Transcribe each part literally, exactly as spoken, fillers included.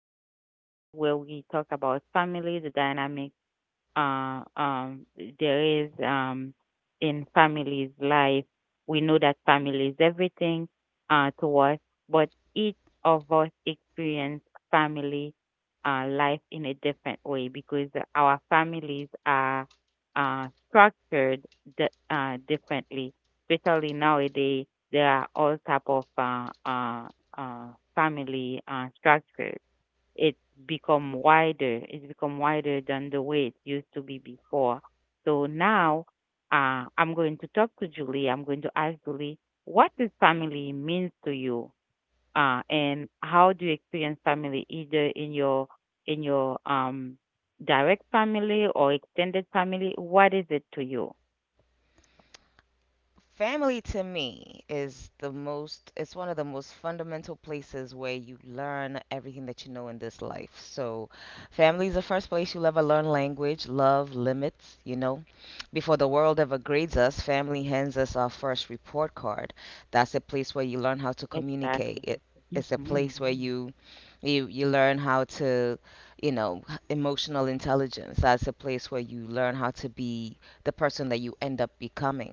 uh, already where we talked about family, the dynamic uh, um, there is um, in families' life. We know that family is everything uh, to us, but each of us experience family uh, life in a different way because our families are uh, structured di- uh, differently. Especially nowadays, there are all type of uh, uh, uh, family uh, structures it become wider. It's become wider than the way it used to be before. So now uh, I'm going to talk to Julie. I'm going to ask Julie, what does family means to you? Uh, and how do you experience family either in your in your um, direct family or extended family? What is it to you? Family to me is the most, it's one of the most fundamental places where you learn everything that you know in this life. So family is the first place you'll ever learn language, love, limits, you know, before the world ever grades us, family hands us our first report card. That's a place where you learn how to communicate Exactly. it, it's a place where you you you learn how to, you know, h- emotional intelligence. That's a place where you learn how to be the person that you end up becoming.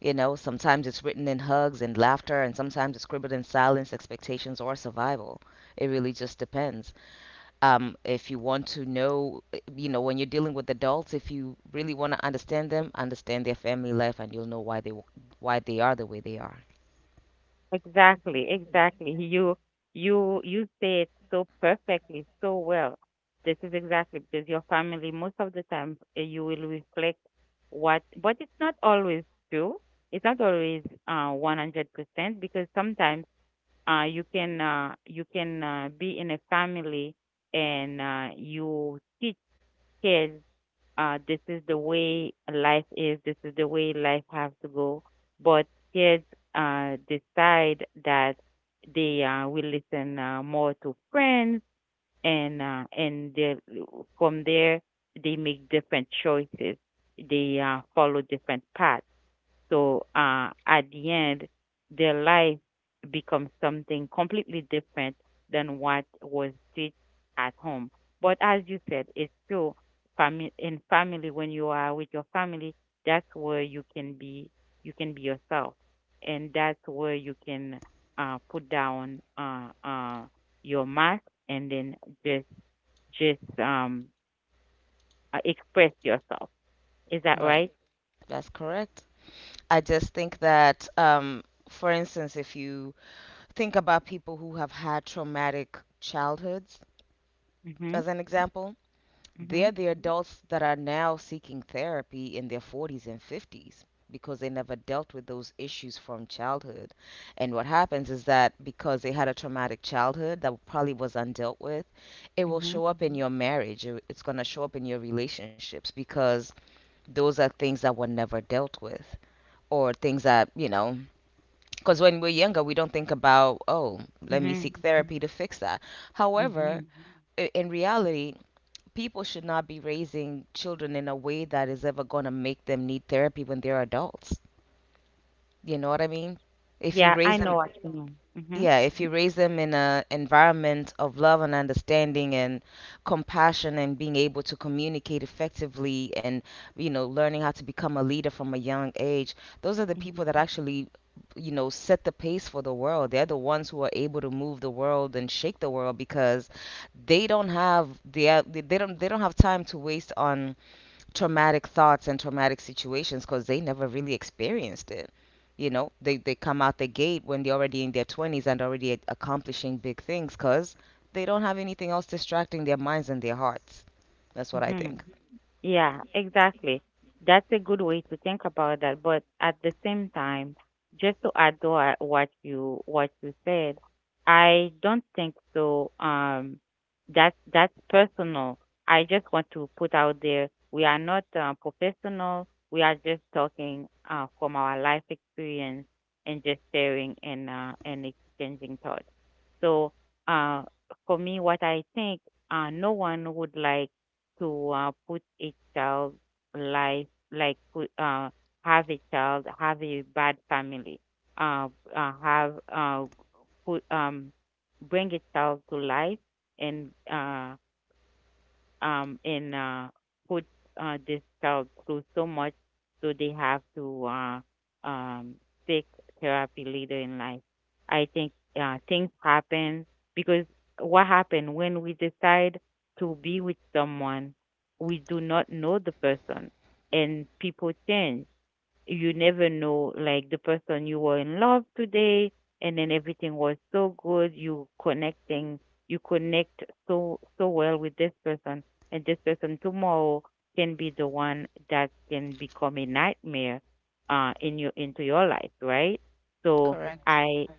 You know, sometimes it's written in hugs and laughter, and sometimes it's scribbled in silence, expectations, or survival. It really just depends. Um, if you want to know, you know, when you're dealing with adults, if you really want to understand them, understand their family life, and you'll know why they why they are the way they are. Exactly, exactly. You you you say it so perfectly, so well. This is exactly because your family most of the time eh, you will reflect what, but it's not always true. It's not always uh one hundred percent because sometimes uh you can uh you can uh, be in a family and uh you teach kids, uh, this is the way life is, this is the way life has to go. But kids uh, decide that they uh, will listen uh, more to friends, and uh, and they, from there, they make different choices. They uh, follow different paths. So uh, at the end, their life becomes something completely different than what was taught at home. But as you said, it's true. Family in family, when you are with your family, that's where you can be. You can be yourself, and that's where you can uh, put down uh, uh, your mask and then just just um uh, express yourself. Is that Right. right? That's correct. I just think that, um, for instance, if you think about people who have had traumatic childhoods, as Mhm. an example. They're Mhm. the adults that are now seeking therapy in their forties and fifties because they never dealt with those issues from childhood. And what happens is that because they had a traumatic childhood that probably was undealt with, it will show Mhm. up in your marriage. it- It's going to show up in your relationships because those are things that were never dealt with, or things that, you know, because when we're younger, we don't think about, oh, let me Mhm. seek therapy to fix that. However, Mhm. i- in reality, people should not be raising children in a way that is ever going to make them need therapy when they're adults. You know what I mean? If you Yeah, raise I them, know what you mean. Mhm. yeah, if you raise them in a environment of love and understanding and compassion and being able to communicate effectively and, you know, learning how to become a leader from a young age, those are the people Mhm. that actually, you know, set the pace for the world. They're the ones who are able to move the world and shake the world because they don't have they they don't they don't have time to waste on traumatic thoughts and traumatic situations because they never really experienced it. You know, they, they come out the gate when they're already in their twenties and already a- accomplishing big things because they don't have anything else distracting their minds and their hearts. That's what I Mhm. think. Yeah, exactly. That's a good way to think about that. But at the same time, just to add to what what you what you said, I don't think so. Um, that's that's personal. I just want to put out there we are not uh, professional. We are just talking uh, from our life experience and just sharing and uh, and exchanging thoughts. So uh, for me, what I think, uh, no one would like to uh, put a child life like put, uh, have a child have a bad family uh, uh have uh, put um bring a child to life and uh um, and uh, put uh, this child through so much, so they have to uh, um, seek therapy later in life. I think uh, things happen because what happened when we decide to be with someone, we do not know the person, and people change. You never know, like, the person you were in love today and then everything was so good you connecting you connect so so well with this person, and this person tomorrow can be the one that can become a nightmare uh in your into your life, right? so Correct. Correct. i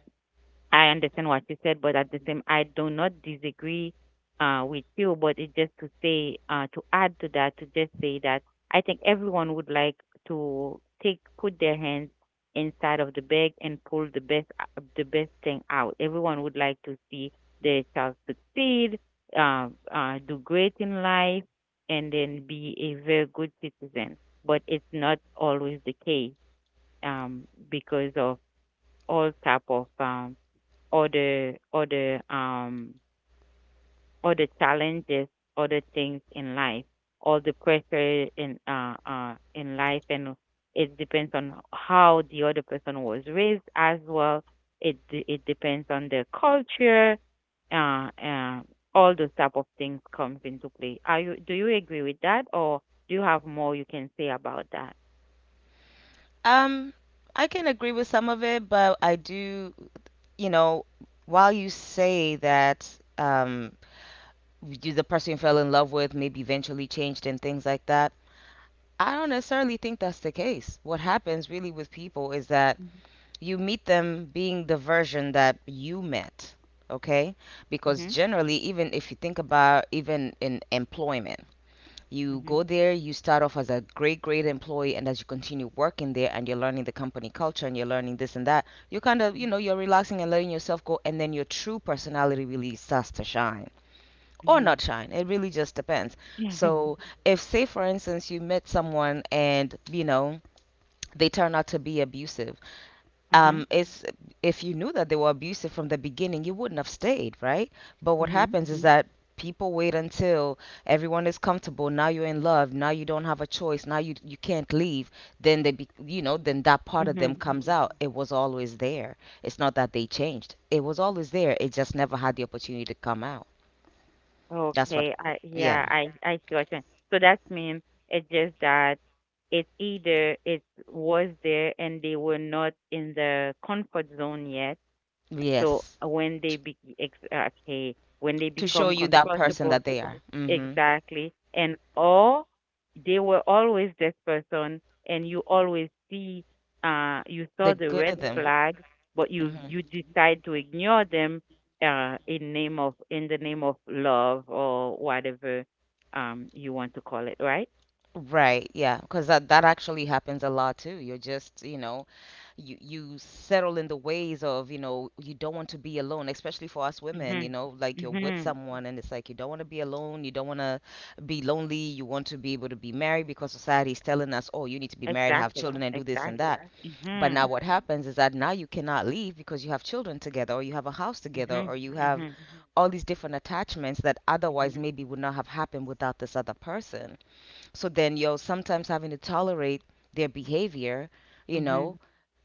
I understand what you said, but at the same, I do not disagree uh, with you. But it's just to say, uh, to add to that, to just say that I think everyone would like to take, put their hands inside of the bag and pull the best, uh, the best thing out. Everyone would like to see their child succeed, uh, uh, do great in life, and then be a very good citizen. But it's not always the case um, because of all type of um, all the all the um all the challenges, all the things in life, all the pressure in uh, uh in life, and it depends on how the other person was raised as well. It de- it depends on the culture, uh, uh all those type of things comes into play. Are you do you agree with that, or do you have more you can say about that? Um, I can agree with some of it, but I do, you know, while you say that, um, you, the person you fell in love with maybe eventually changed and things like that, I don't necessarily think that's the case. What happens really with people is that you meet them being the version that you met, okay? Because Mhm. generally, even if you think about, even in employment, you Mhm. go there, you start off as a great, great employee, and as you continue working there and you're learning the company culture and you're learning this and that, you're kind of, you know, you're relaxing and letting yourself go, and then your true personality really starts to shine, or Mhm. not shine. It really just depends. Mhm. So, if, say, for instance, you met someone and, you know, they turn out to be abusive, Mhm. Mhm. um, it's if you knew that they were abusive from the beginning, you wouldn't have stayed, right? But what Mhm. happens is that people wait until everyone is comfortable. Now you're in love. Now you don't have a choice. Now you you can't leave. Then they, be, you know, then that part of them Mhm. comes out. It was always there. It's not that they changed. It was always there. It just never had the opportunity to come out. That's what. Okay, I Yeah. yeah, I I see what you mean. So that means it's just that it's either it was there and they were not in the comfort zone yet. So Yes. uh, when they T be ex- uh, okay, when they to show become you that person comfortable, that they are. Hmm. exactly. And or they were always this person and you always see uh you saw The the good red of them. flag but you Hmm. you decide to ignore them uh in name of in the name of love or whatever um you want to call it, right? Right, yeah, because that, that actually happens a lot too. You're just, you know, you you settle in the ways of, you know, you don't want to be alone, especially for us women, you Mhm. know, like you're with Mhm. someone and it's like you don't want to be alone, you don't want to be lonely, you want to be able to be married because society is telling us, oh, you need to be married, have Exactly. children, and do this and Exactly. that. But now Mhm. what mm-hmm happens is that now you cannot leave because you have children together, or you have a house together, Mhm. or you right have Mhm. all these different attachments that otherwise Mhm. maybe would not have happened without this other person. So then you're sometimes having to tolerate their behavior, you Mhm. know,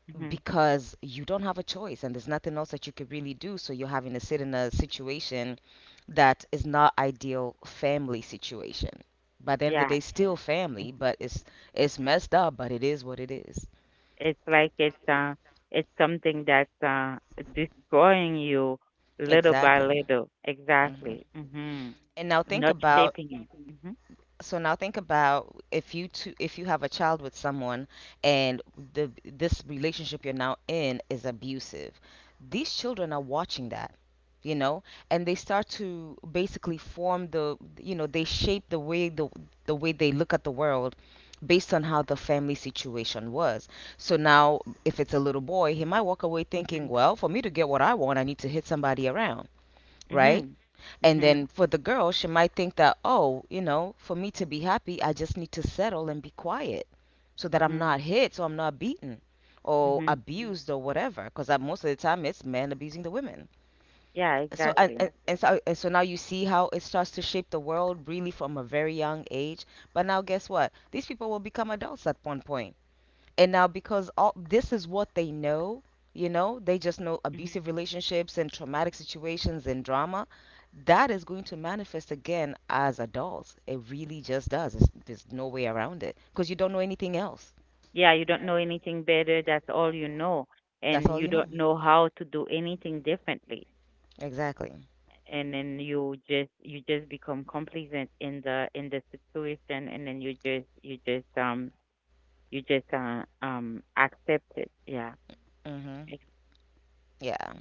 Mhm. because you don't have a choice and there's nothing else that you could really do. So you're having to sit in a situation that is not ideal family situation. By the end of the Yeah. day, still family, but it's it's messed up, but it is what it is. It's like it's uh it's something that's uh destroying you little by Exactly. little. Hmm. Exactly. Mhm. And now think Not about, shaping you. Mhm. so now think about if you two, if you have a child with someone and the this relationship you're now in is abusive. These children are watching that, you know, and they start to basically form the, you know, they shape the way the the way they look at the world based on how the family situation was. So now if it's a little boy, he might walk away thinking, Mhm. well, for me to get what I want, I need to hit somebody around. Right? Mhm. And Mhm. then for the girl, she might think that, oh, you know, for me to be happy, I just need to settle and be quiet so that I'm Mhm. not hit or I'm not beaten or Mhm. abused or whatever. Because most of the time, it's men abusing the women. Yeah, So and, exactly. and, and so and so now you see how it starts to shape the world really from a very young age. But now guess what? These people will become adults at one point, and now because all this is what they know, you know, they just know Mhm. abusive relationships and traumatic situations and drama that is going to manifest again as adults. It really just does. It's, there's no way around it because you don't know anything else, Yeah, you don't know anything better. That's all you know, that's and all you you know. don't know how to do anything differently. Mhm. Exactly. And then you just you just become complacent in the in the situation, and then you just you just um You just do um, accept it. Yeah. Hmm. Ex Yeah,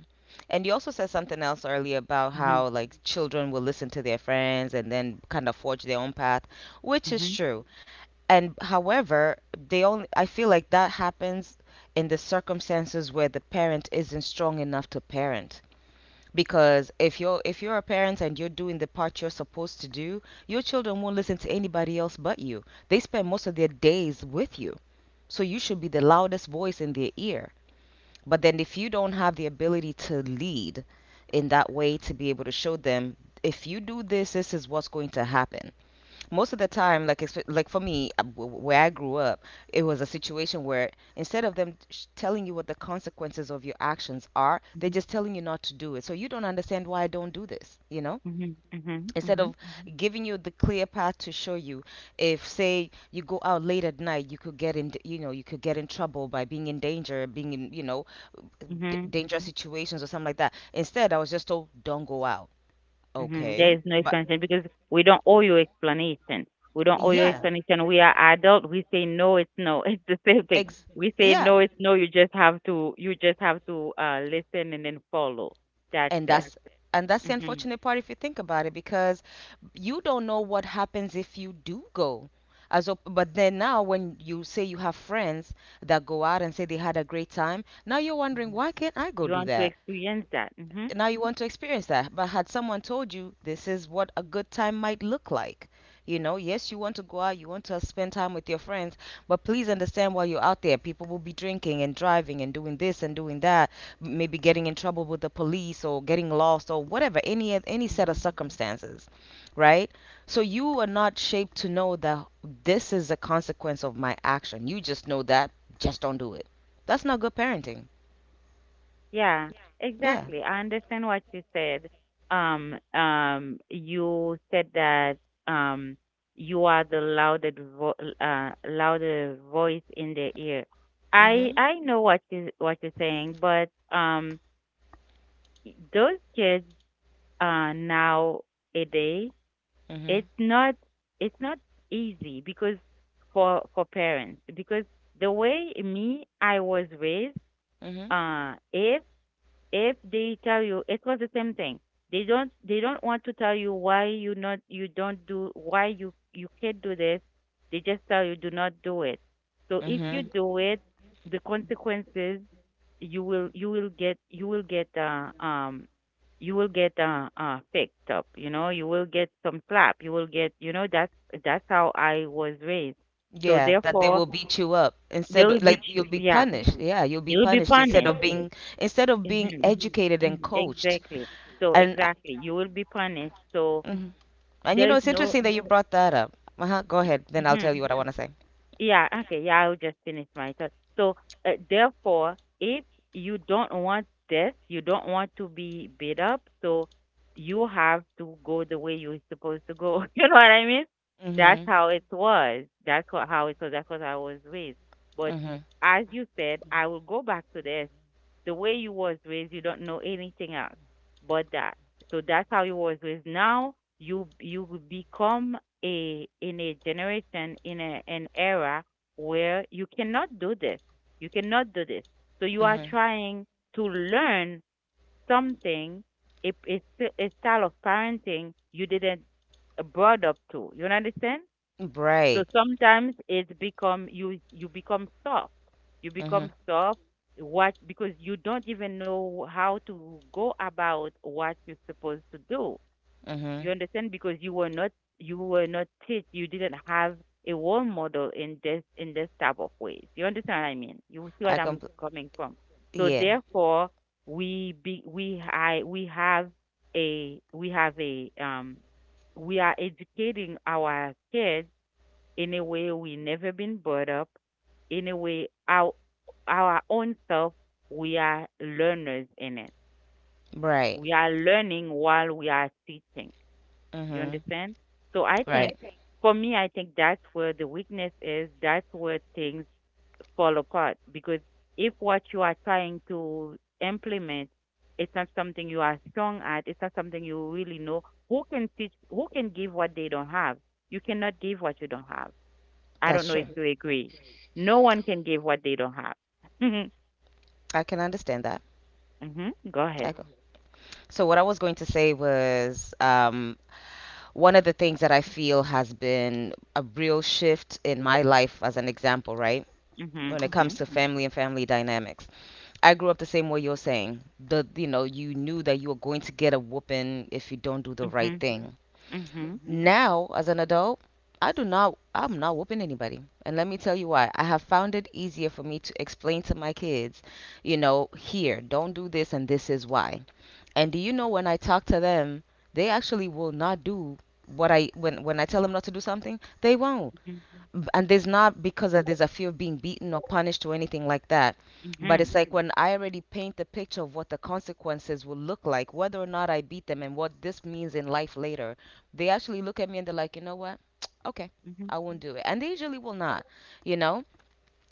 and you also said something else earlier about mhm, how, like, children will listen to their friends and then kind of forge their own path, which is mhm, true. And however, they only, I feel like that happens in the circumstances where the parent isn't strong enough to parent. Because if you're if you're a parent and you're doing the part you're supposed to do, your children won't listen to anybody else but you. They spend most of their days with you, so you should be the loudest voice in their ear. But then if you don't have the ability to lead in that way, to be able to show them, if you do this, this is what's going to happen most of the time. Like expe- like for me, uh, w- w- where I grew up, it was a situation where instead of them sh- telling you what the consequences of your actions are, they're mhm, just telling you not to do it. So you don't understand why I don't do this, you know. mhm, mhm, Instead mhm, of giving you the clear path to show you, if, say, you go out late at night, you could get in, you know, you could get in trouble by being in danger, being in, you know, d- mhm, dangerous situations or something like that. Instead I was just told, don't go out. mhm. There Okay, is no but explanation because we don't owe you explanation. We don't owe you yeah, explanation. We are adult. We say no, it's no. It's the same thing. ex- We say yeah, no, it's no. You just have to, you just have to uh, listen and then follow. That's and right, it. that's, and that's Hmm. the Hmm. unfortunate part if you think about it, because you don't know what happens if you do go, as op- but then now when you say you have friends that go out and say they had a great time, now you're wondering, why can't I go You do want to that? experience that. Hmm. Now you want to experience that. But had someone told you, this is what a good time might look like, you know, yes, you want to go out, you want to spend time with your friends, but please understand, while you're out there, people will be drinking and driving and doing this and doing that, maybe getting in trouble with the police or getting lost or whatever, any any set Hmm. of circumstances, right? So you are not shaped to know that this is a consequence of my action. You just know that, just don't do it. That's not good parenting. Yeah, Yeah. exactly. I understand what you said. Um, um, you said that um, you are the loudest vo uh, louder voice in their ear. I Mhm. I know what you what you're saying, but um, those kids uh, nowadays, Mhm. it's not it's not easy because for for parents because the way me I was raised, Mhm. uh, if if they tell you it was the same thing, they don't they don't want to tell you why you not you don't do why you you can't do this. They just tell you do not do it. So if Hmm. you do it, the consequences, you will you will get you will get uh, um you will get uh, uh fixed up, you know. You will get some slap, you will get, you know, that's that's how I was raised. So Yeah, that they therefore, will beat you up. they instead will of, be like ch- you'll be yeah, punished. Yeah, you'll be you will be punished instead punished. of being, instead of being Mhm. educated and coached. Exactly. So And exactly, you will be punished. So mm and you there know is it's no. interesting that you brought that up. Uh-huh. Go ahead, then I'll Mhm. tell you what I want to say. Yeah. Okay. Yeah. I'll just finish my thought. So uh, therefore, if you don't want death, you don't want to be beat up. So you have to go the way you're supposed to go. You know what I mean? That's Hmm. how it was. That's what how it was. That's what I was raised. But Hmm. as you said, I will go back to this. The way you was raised, you don't know anything else but that. So that's how you was raised. Now you you will become a in a generation in a, an era where you cannot do this. You cannot do this. So you are Hmm. trying to learn something, a, a, a style of parenting you didn't uh, brought up to. You understand? So Right. sometimes it's become you you become stuck. You become Hmm. stuck what because you don't even know how to go about what you're supposed to do. Hmm. You understand? Because you were not you were not taught. You didn't have a role model in this in this type of ways. You understand what I mean? You see I what I'm compl- coming from. So yeah. therefore, we be we I we have a we have a um we are educating our kids in a way we never been brought up, in a way our our own self, we are learners in it. Right. We are learning while we are teaching. You Hmm. understand? So I think Right. for me I think that's where the weakness is, that's where things fall apart. Because if what you are trying to implement, it's not something you are strong at, it's not something you really know. Who can teach who can give what they don't have? You cannot give what you don't have. I don't That's know true. if you agree. No one can give what they don't have. Mhm. I can understand that. Mhm. Go ahead. I co- so what I was going to say was um one of the things that I feel has been a real shift in my life, as an example, right? Mhm. When it Mhm. comes to family and family dynamics, I grew up the same way you're saying. The you know you knew that you were going to get a whooping if you don't do the right Mhm. thing. Mhm. Now, as an adult, I do not. I'm not whooping anybody, and let me tell you why. I have found it easier for me to explain to my kids, you know, here, don't do this, and this is why. And do you know when I talk to them, they actually will not do what I when when I tell them not to do something, they won't. Mhm. B- And there's not because that there's a fear of being beaten or punished or anything like that. But Mhm. it's like when I already paint the picture of what the consequences will look like, whether or not I beat them and what this means in life later, they actually look at me and they're like, you know what? Okay, Mhm. I won't do it. And they usually will not, you know?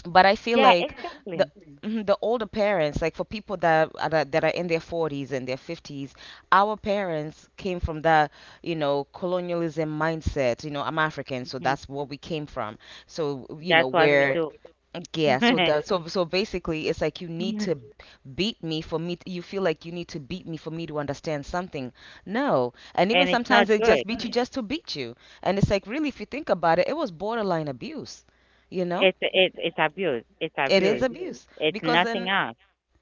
But I feel Yeah, like exactly. the mhm, the older parents, like for people that are, that that are in their forties and their fifties, our parents came from the, you know, colonialism mindset. You know, I'm African, so Mhm. that's what we came from. So, you know, That's what we where do. yeah, so the so so basically it's like you need to beat me for me t you feel like you need to beat me for me to understand something. No. And even And it's not sometimes they good. just beat you just to beat you. And it's like really if you think about it, it was borderline abuse, you know? It's it's it's abuse. It's It is abuse. abuse It's because nothing then, else.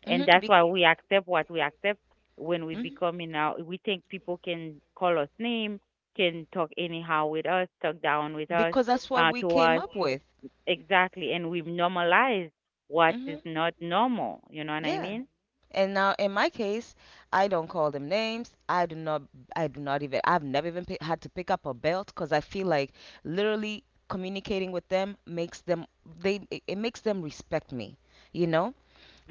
hmm And that's be, why we accept what we accept when we mhm, becoming now. We think people can call us name, can talk anyhow with us, talk down with us, because that's what uh, we to came us. up with. Exactly, and we've normalized what Hmm. is not normal. You know what I Yeah. mean? And now in my case, I don't call them names. I do not. I do not even. I've never even pi had to pick up a belt because I feel like literally communicating with them makes them. They. It it makes them respect me. You know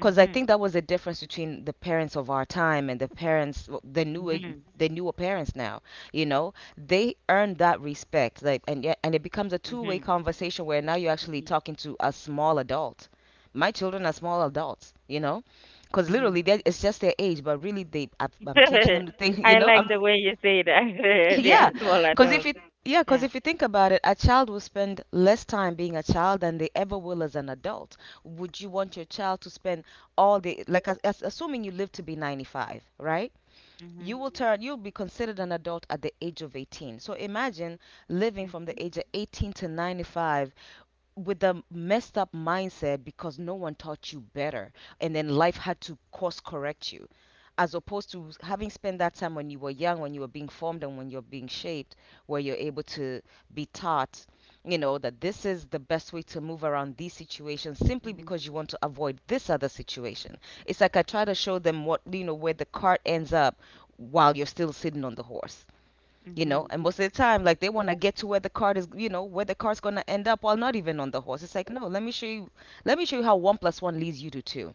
because I think that was the difference between the parents of our time and the parents, the new age- Mhm. the newer parents now. You know, they earn that respect, like, and yet, and it becomes a two-way Mhm. conversation where now you're actually Mhm. talking to a small adult. My children are small adults, you know, because Mhm. literally that it's just their age, but really they, I, I'm teaching them the thing, you I know, like I'm the way you say that. They are yeah, small because if adults. it yeah, because Yeah. if you think about it, a child will spend less time being a child than they ever will as an adult. Would you want your child to spend all the like as, as, assuming you live to be ninety-five, right? You Mhm. will turn You'll be considered an adult at the age of eighteen. So imagine living from Mhm. the age of eighteen to ninety-five with the messed up mindset because no one taught you better, and then life had to course correct you, as opposed to having spent that time when you were young, when you were being formed and when you're being shaped, where you're able to be taught, you know, that this is the best way to move around these situations simply Mhm. because you want to avoid this other situation. It's like I try to show them what, you know, where the cart ends up while you're still sitting on the horse. You know, Mhm. and most of the time, like, they want to get to where the card is, you know, where the card's going to end up while not even on the horse. It's like, no, let me show you. Let me show you how one plus one leads you to two.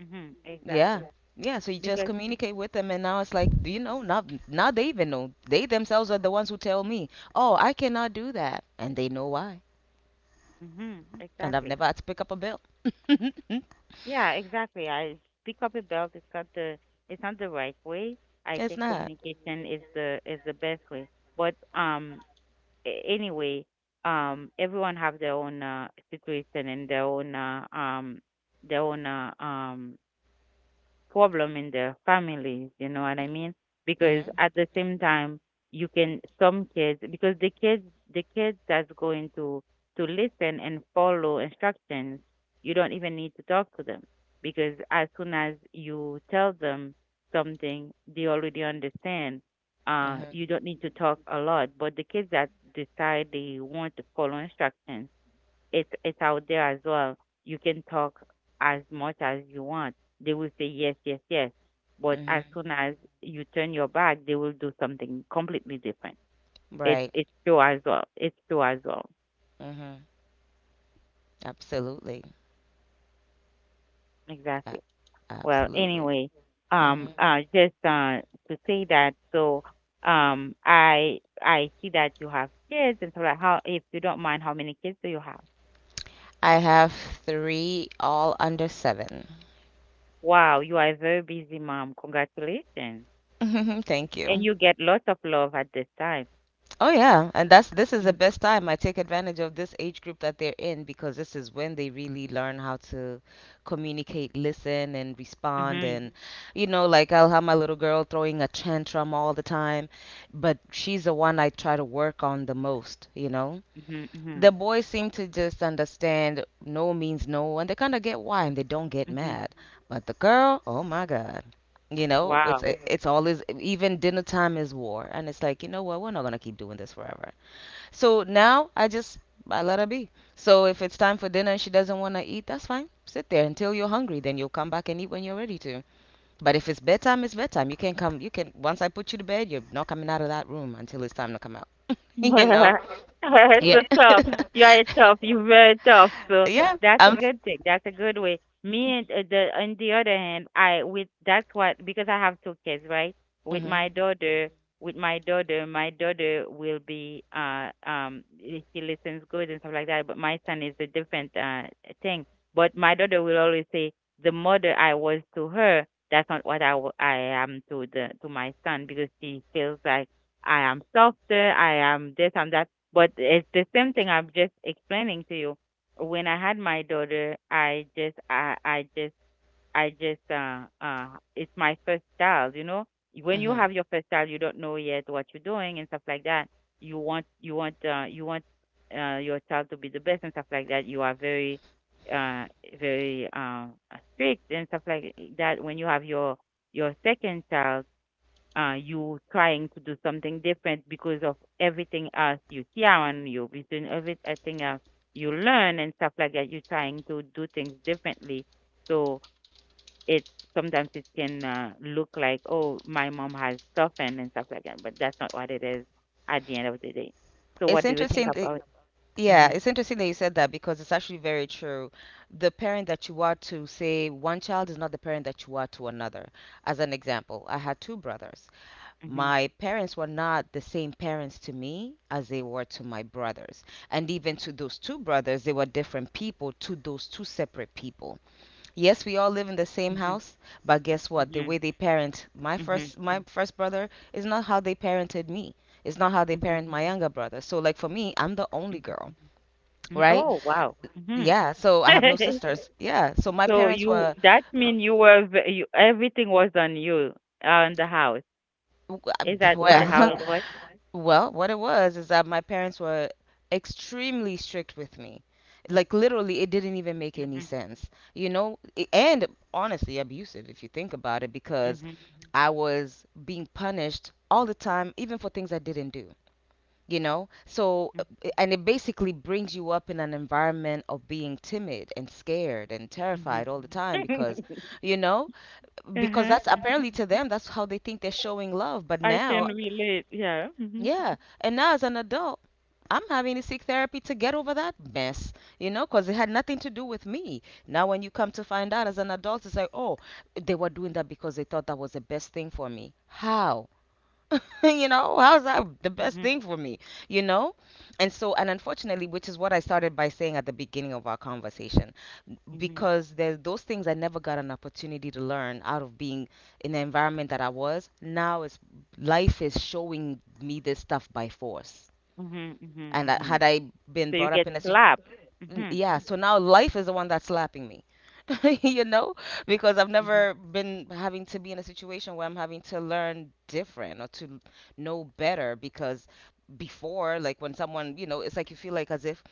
Mhm. Yeah. Exactly. Yeah, so you just Because. communicate with them, and now it's like, you know, now now they even know they themselves are the ones who tell me, oh, I cannot do that, and they know why. Mhm. And I've Exactly. never had to pick up a bill. Yeah. Exactly. I pick up a belt. It's not the. It's not the right way. I It's think not. communication is the is the best way. But um, a- anyway, um, everyone have their own uh, situation and their own uh, um, their own uh, um, problem in their families, you know what I mean? Because Mhm. at the same time, you can some kids because the kids the kids that's going to to listen and follow instructions, you don't even need to talk to them because as soon as you tell them something, they already understand. Uh, you Mhm. don't need to talk a lot, but the kids that decide they want to follow instructions it's it's out there as well. You can talk as much as you want. They will say yes, yes, yes. But as soon Mhm. as you turn your back, they will do something completely different. It's Right. it's true as well. It's true as well. Mhm. Absolutely. A- Exactly. Well, Absolutely. anyway, um, Mhm. uh, just uh to say that. So, um, I I see that you have kids, and so like, how if you don't mind, how many kids do you have? I have three, all under seven. Wow, you are a very busy mom. Congratulations. Thank And you. you get lots of love at this time. Oh yeah, and that's this is the Mm, best time. I take advantage of this age group that they're in because this is when they really learn how to communicate, listen, and respond. mhm, And you know, like I'll have my little girl throwing a tantrum all the time, but she's the one I try to work on the most. You know, mhm, the mhm, boys seem to just understand no means no, and they kind of get why, and they don't get mhm. mad. But the girl, oh my God, you know, it's Wow. it- hmm it's always even dinner time is war, and it's like you know what, we're not gonna keep doing this forever. So now I just I let her be. So if it's time for dinner and she doesn't want to eat, that's fine. Sit there until you're hungry, then you'll come back and eat when you're ready to. But if it's bedtime, it's bedtime. You can't come. You can once I put you to bed, you're not coming out of that room until it's time to come out. You know? Yeah. So tough. You are tough. You're very tough. So Yeah, that's a I'm. good thing. That's a good way. Me and uh, the on the other hand, I with that's what because I have two kids, right? With my Mhm. daughter, with my daughter, my daughter will be uh um i- she listens good and stuff like that. But my son is a different uh thing. But my daughter will always say the mother I was to her. That's not what I, wa- I am to the to my son because she feels like I am softer, I am this, I'm that. But it's the same thing I'm just explaining to you. When I had my daughter, I just, I, I just, I just, uh, uh, it's my first child, you know. When you Mhm. have your first child, you don't know yet what you're doing and stuff like that. You want, you want, uh, you want, uh, your child to be the best and stuff like that. You are very, uh, very, uh, strict and stuff like that. When you have your, your second child, uh, you trying to do something different because of everything else you see around you, between everything else you learn and stuff like that, you're trying to do things differently. So it sometimes it can uh, look like, oh, my mom has softened and stuff like that, but that's not what it is at the end of the day. So It's what do you think interesting that, about? yeah, Mm-hmm, it's interesting that you said that because it's actually very true. The parent that you are to, say, one child is not the parent that you are to another. As an example, I had two brothers. mm-hmm, My parents were not the same parents to me as they were to my brothers. And even to those two brothers, they were different people to those two separate people. Yes, we all live in the same mm-hmm, house, but guess what? The mm-hmm, way they parent my mm-hmm, first my first brother is not how they parented me. It's not how they mm-hmm, mm-hmm. parent my younger brother. So like for me, I'm the only girl, Mm-hmm. right? Oh wow. Mm-hmm. Yeah, so I have no sisters. Yeah, so my So parents you were that mean you were v- you, everything was on you uh, in the house. Is that w- what I- how it well, was? well, what it was is that my parents were extremely strict with me. Like literally, it didn't even make any Mm-hmm, sense, you know, I- and honestly abusive if you think about it, because mm-hmm, I was being punished all the time, even for things I didn't do, you know? So, uh, i- and it basically brings you up in an environment of being timid and scared and terrified all the time mm-hmm. because, you know, because Uh-huh, that's uh-huh. apparently to them, that's how they think they're showing love. But I can now relate. Yeah. Mm-hmm. yeah. And now as an adult, I'm having to seek therapy to get over that mess, you know, because it had nothing to do with me. Now, when you come to find out as an adult, it's like, oh, they were doing that because they thought that was the best thing for me. How? You know, how's that the best Mm-hmm. thing for me, you know? And so, and unfortunately, which is what I started by saying at the beginning of our conversation, Mm-hmm. because there's those things I never got an opportunity to learn out of being in the environment that I was, now it's life is showing me this stuff by force. Mm-hmm. Mm-hmm. And I, Mm-hmm. had I been So you brought up get in a slapped. n- Mm-hmm. yeah, so now life is the one that's slapping me. You know, because I've Mm-hmm. never been having to be in a situation where I'm having to learn different or to know better. Because before, like, when someone, you know, it's like you feel like as if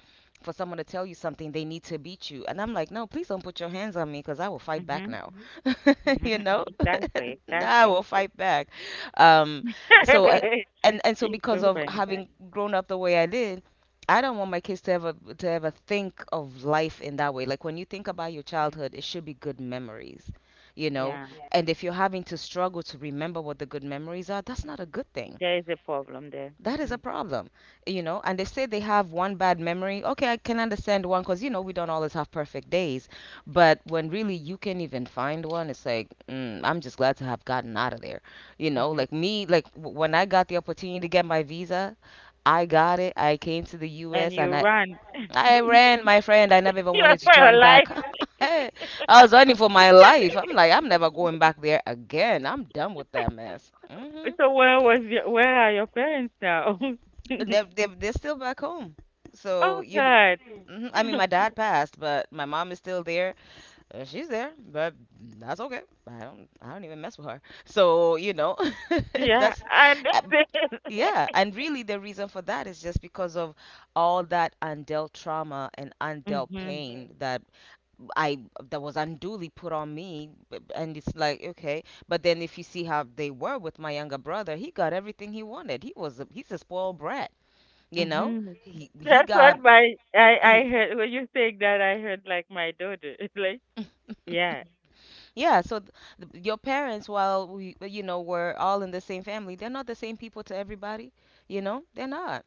for someone to tell you something, they need to beat you. And I'm like, no, please don't put your hands on me because I will fight back Mm-hmm. now. You Mm-hmm. mm-hmm, know, Exactly. I Exactly. will fight back. Um, so, uh, and and so You're because so of funny. having grown up the way I did, I don't want my kids to ever to ever think of life in that way. Like when you think about your childhood, it should be good memories. You know, Yeah. and if you're having to struggle to remember what the good memories are, that's not a good thing, There is a problem there. that is Mm-hmm. a problem, you know. And they say they have one bad memory. Okay, I can understand one because, you know, we don't always have perfect days. But when really you can even find one, it's like, mm, I'm just glad to have gotten out of there. You know, Mm-hmm. like me, like w- when I got the opportunity to get my visa, I got it. I came to the And U S and you I, run. I ran, my friend. I never even you are wanted to for your turn life. back. Hey, I was running for my life. I'm like, I'm never going back there again. I'm done with that mess. hmm So where was your where are your parents now? They're, they're, they're still back home. So, Oh you, kn- God. mhm, I mean, my dad passed, but my mom is still there. Uh, she's there, but that's okay. I don't, I don't even mess with her. So, you know, Yeah, that's, I uh, understand. yeah. And really, the reason for that is just because of all that undealt trauma and undealt Mm-hmm. pain that I, that was unduly put on me. b- And it's like, okay. But then if you see how they were with my younger brother, he got everything he wanted. He was, a, he's a spoiled brat, you know. Mm-hmm. He he That's what got my I I he- heard when you saying that I heard like my daughter. It's like yeah. yeah so th- th- Your parents, while we, you know, we're all in the same family, they're not the same people to everybody, you know, they're not.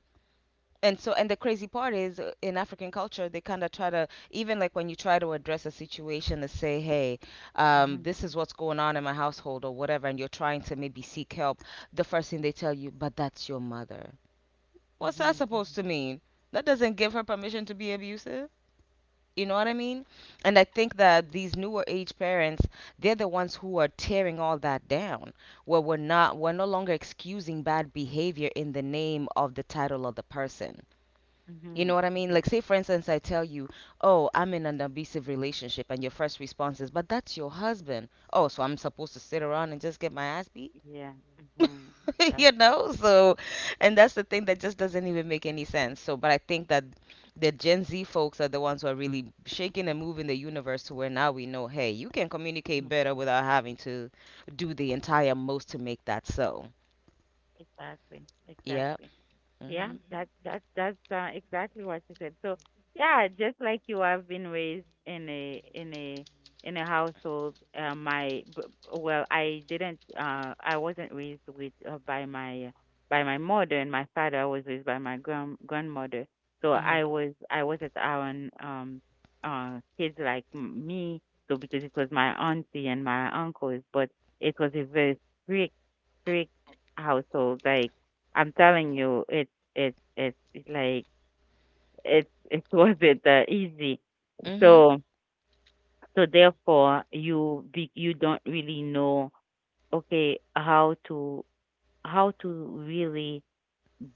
And so, and the crazy part is, uh, in African culture, they kind of try to, even like when you try to address a situation to say, hey, um, Mm-hmm. this is what's going on in my household or whatever, and you're trying to maybe seek help, the first thing they tell you, but that's your mother. What's that Mm-hmm. supposed Mm-hmm. to mean? That doesn't give her permission to be abusive. You know what I mean? And I think that these newer age parents, they're the ones who are tearing all that down. Where we're not, we're no longer excusing bad behavior in the name of the title of the person. Mm-hmm. You know what I mean? mm-hmm, Like, say, for instance, I tell you, oh, I'm in an abusive relationship, and your first response is, but that's your husband. Oh, so I'm supposed to sit around and just get my ass beat? Yeah. Mm-hmm. you Exactly. know so, and that's the thing that just doesn't even make any sense. So, but I think that the Gen Z folks are the ones who are really shaking and moving the universe to where now we know, hey, you can communicate Mm-hmm. better without having to do the entire most to make that so. Exactly. Yeah Exactly. Yeah, mhm that that that's uh, exactly what you said. So yeah, just like you, I've been raised in a in a in a household. Uh, my b- well, I didn't. Uh, I wasn't raised with uh, by my by my mother and my father. I was raised by my grand grandmother. So I mhm was I wasn't around um uh kids like m- me. So because it was my auntie and my uncles, but it was a very strict strict household. Like I'm telling you, it it it's like it it wasn't uh, easy. mhm So so therefore you be, you don't really know okay how to how to really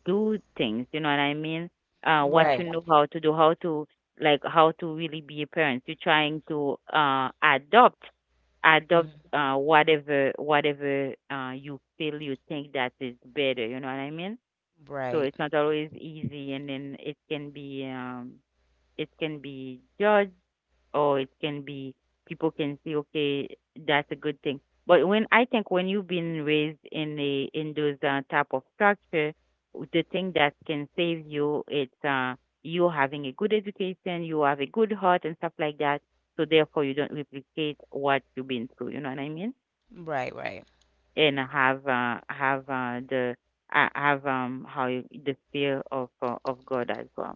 do things. You know what I mean? Uh, what right you know how to do, how to like how to really be a parent. You're trying to uh adopt adopt mhm uh, whatever whatever uh, you feel you think that is better. You know what I mean? So right it's not always easy, and then it can be um it can be judged, or it can be people can see okay, that's a good thing. But when I think when you've been raised in a in those uh, type of structure, the thing that can save you, it's uh you having a good education, you have a good heart and stuff like that, so therefore you don't replicate what you've been through, you know what I mean, right right and have uh, have uh, the uh, have um how you, the fear of uh, of God as well.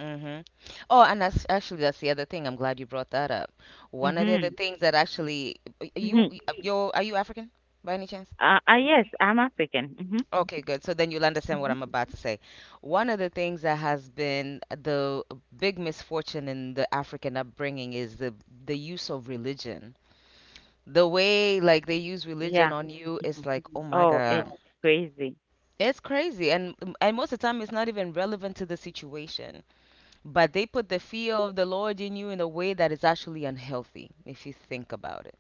mhm Oh, and that's actually that's the other thing, I'm glad you brought that up. One of the other Mhm. things that actually you Mhm. y- you're, are you African by any chance? Uh, uh, yes, I'm African. Mhm. Okay, good. So then you'll understand Mhm. what I'm about to say. One of the things that has been the big misfortune in the African upbringing is the the use of religion. The way like they use Yeah. religion on you Mhm. is like, oh my Oh, it's God, crazy. it's crazy. And and most of the time it's not even relevant to the situation. But they put the fear of the Lord in you in a way that is actually Hello. unhealthy if you think about it.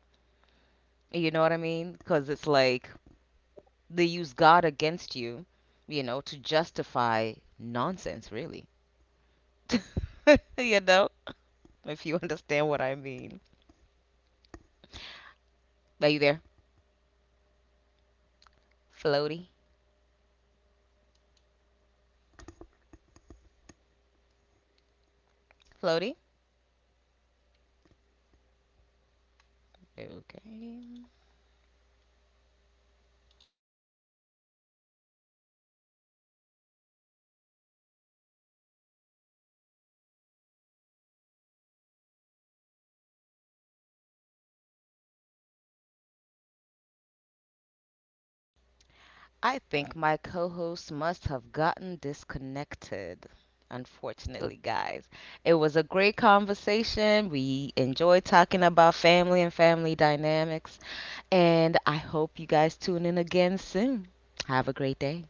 You know what I mean? Because it's like, they use God against you, you know, to justify nonsense, really. You know, if you understand what I mean. Hello. Are you there? Floaty? Hello, are you there? Floaty? Okay. Hello, are you there? I think my co host must have gotten disconnected. Unfortunately, guys, it was a great conversation. We enjoyed talking about family and family dynamics, and I hope you guys tune in again soon. Have a great day.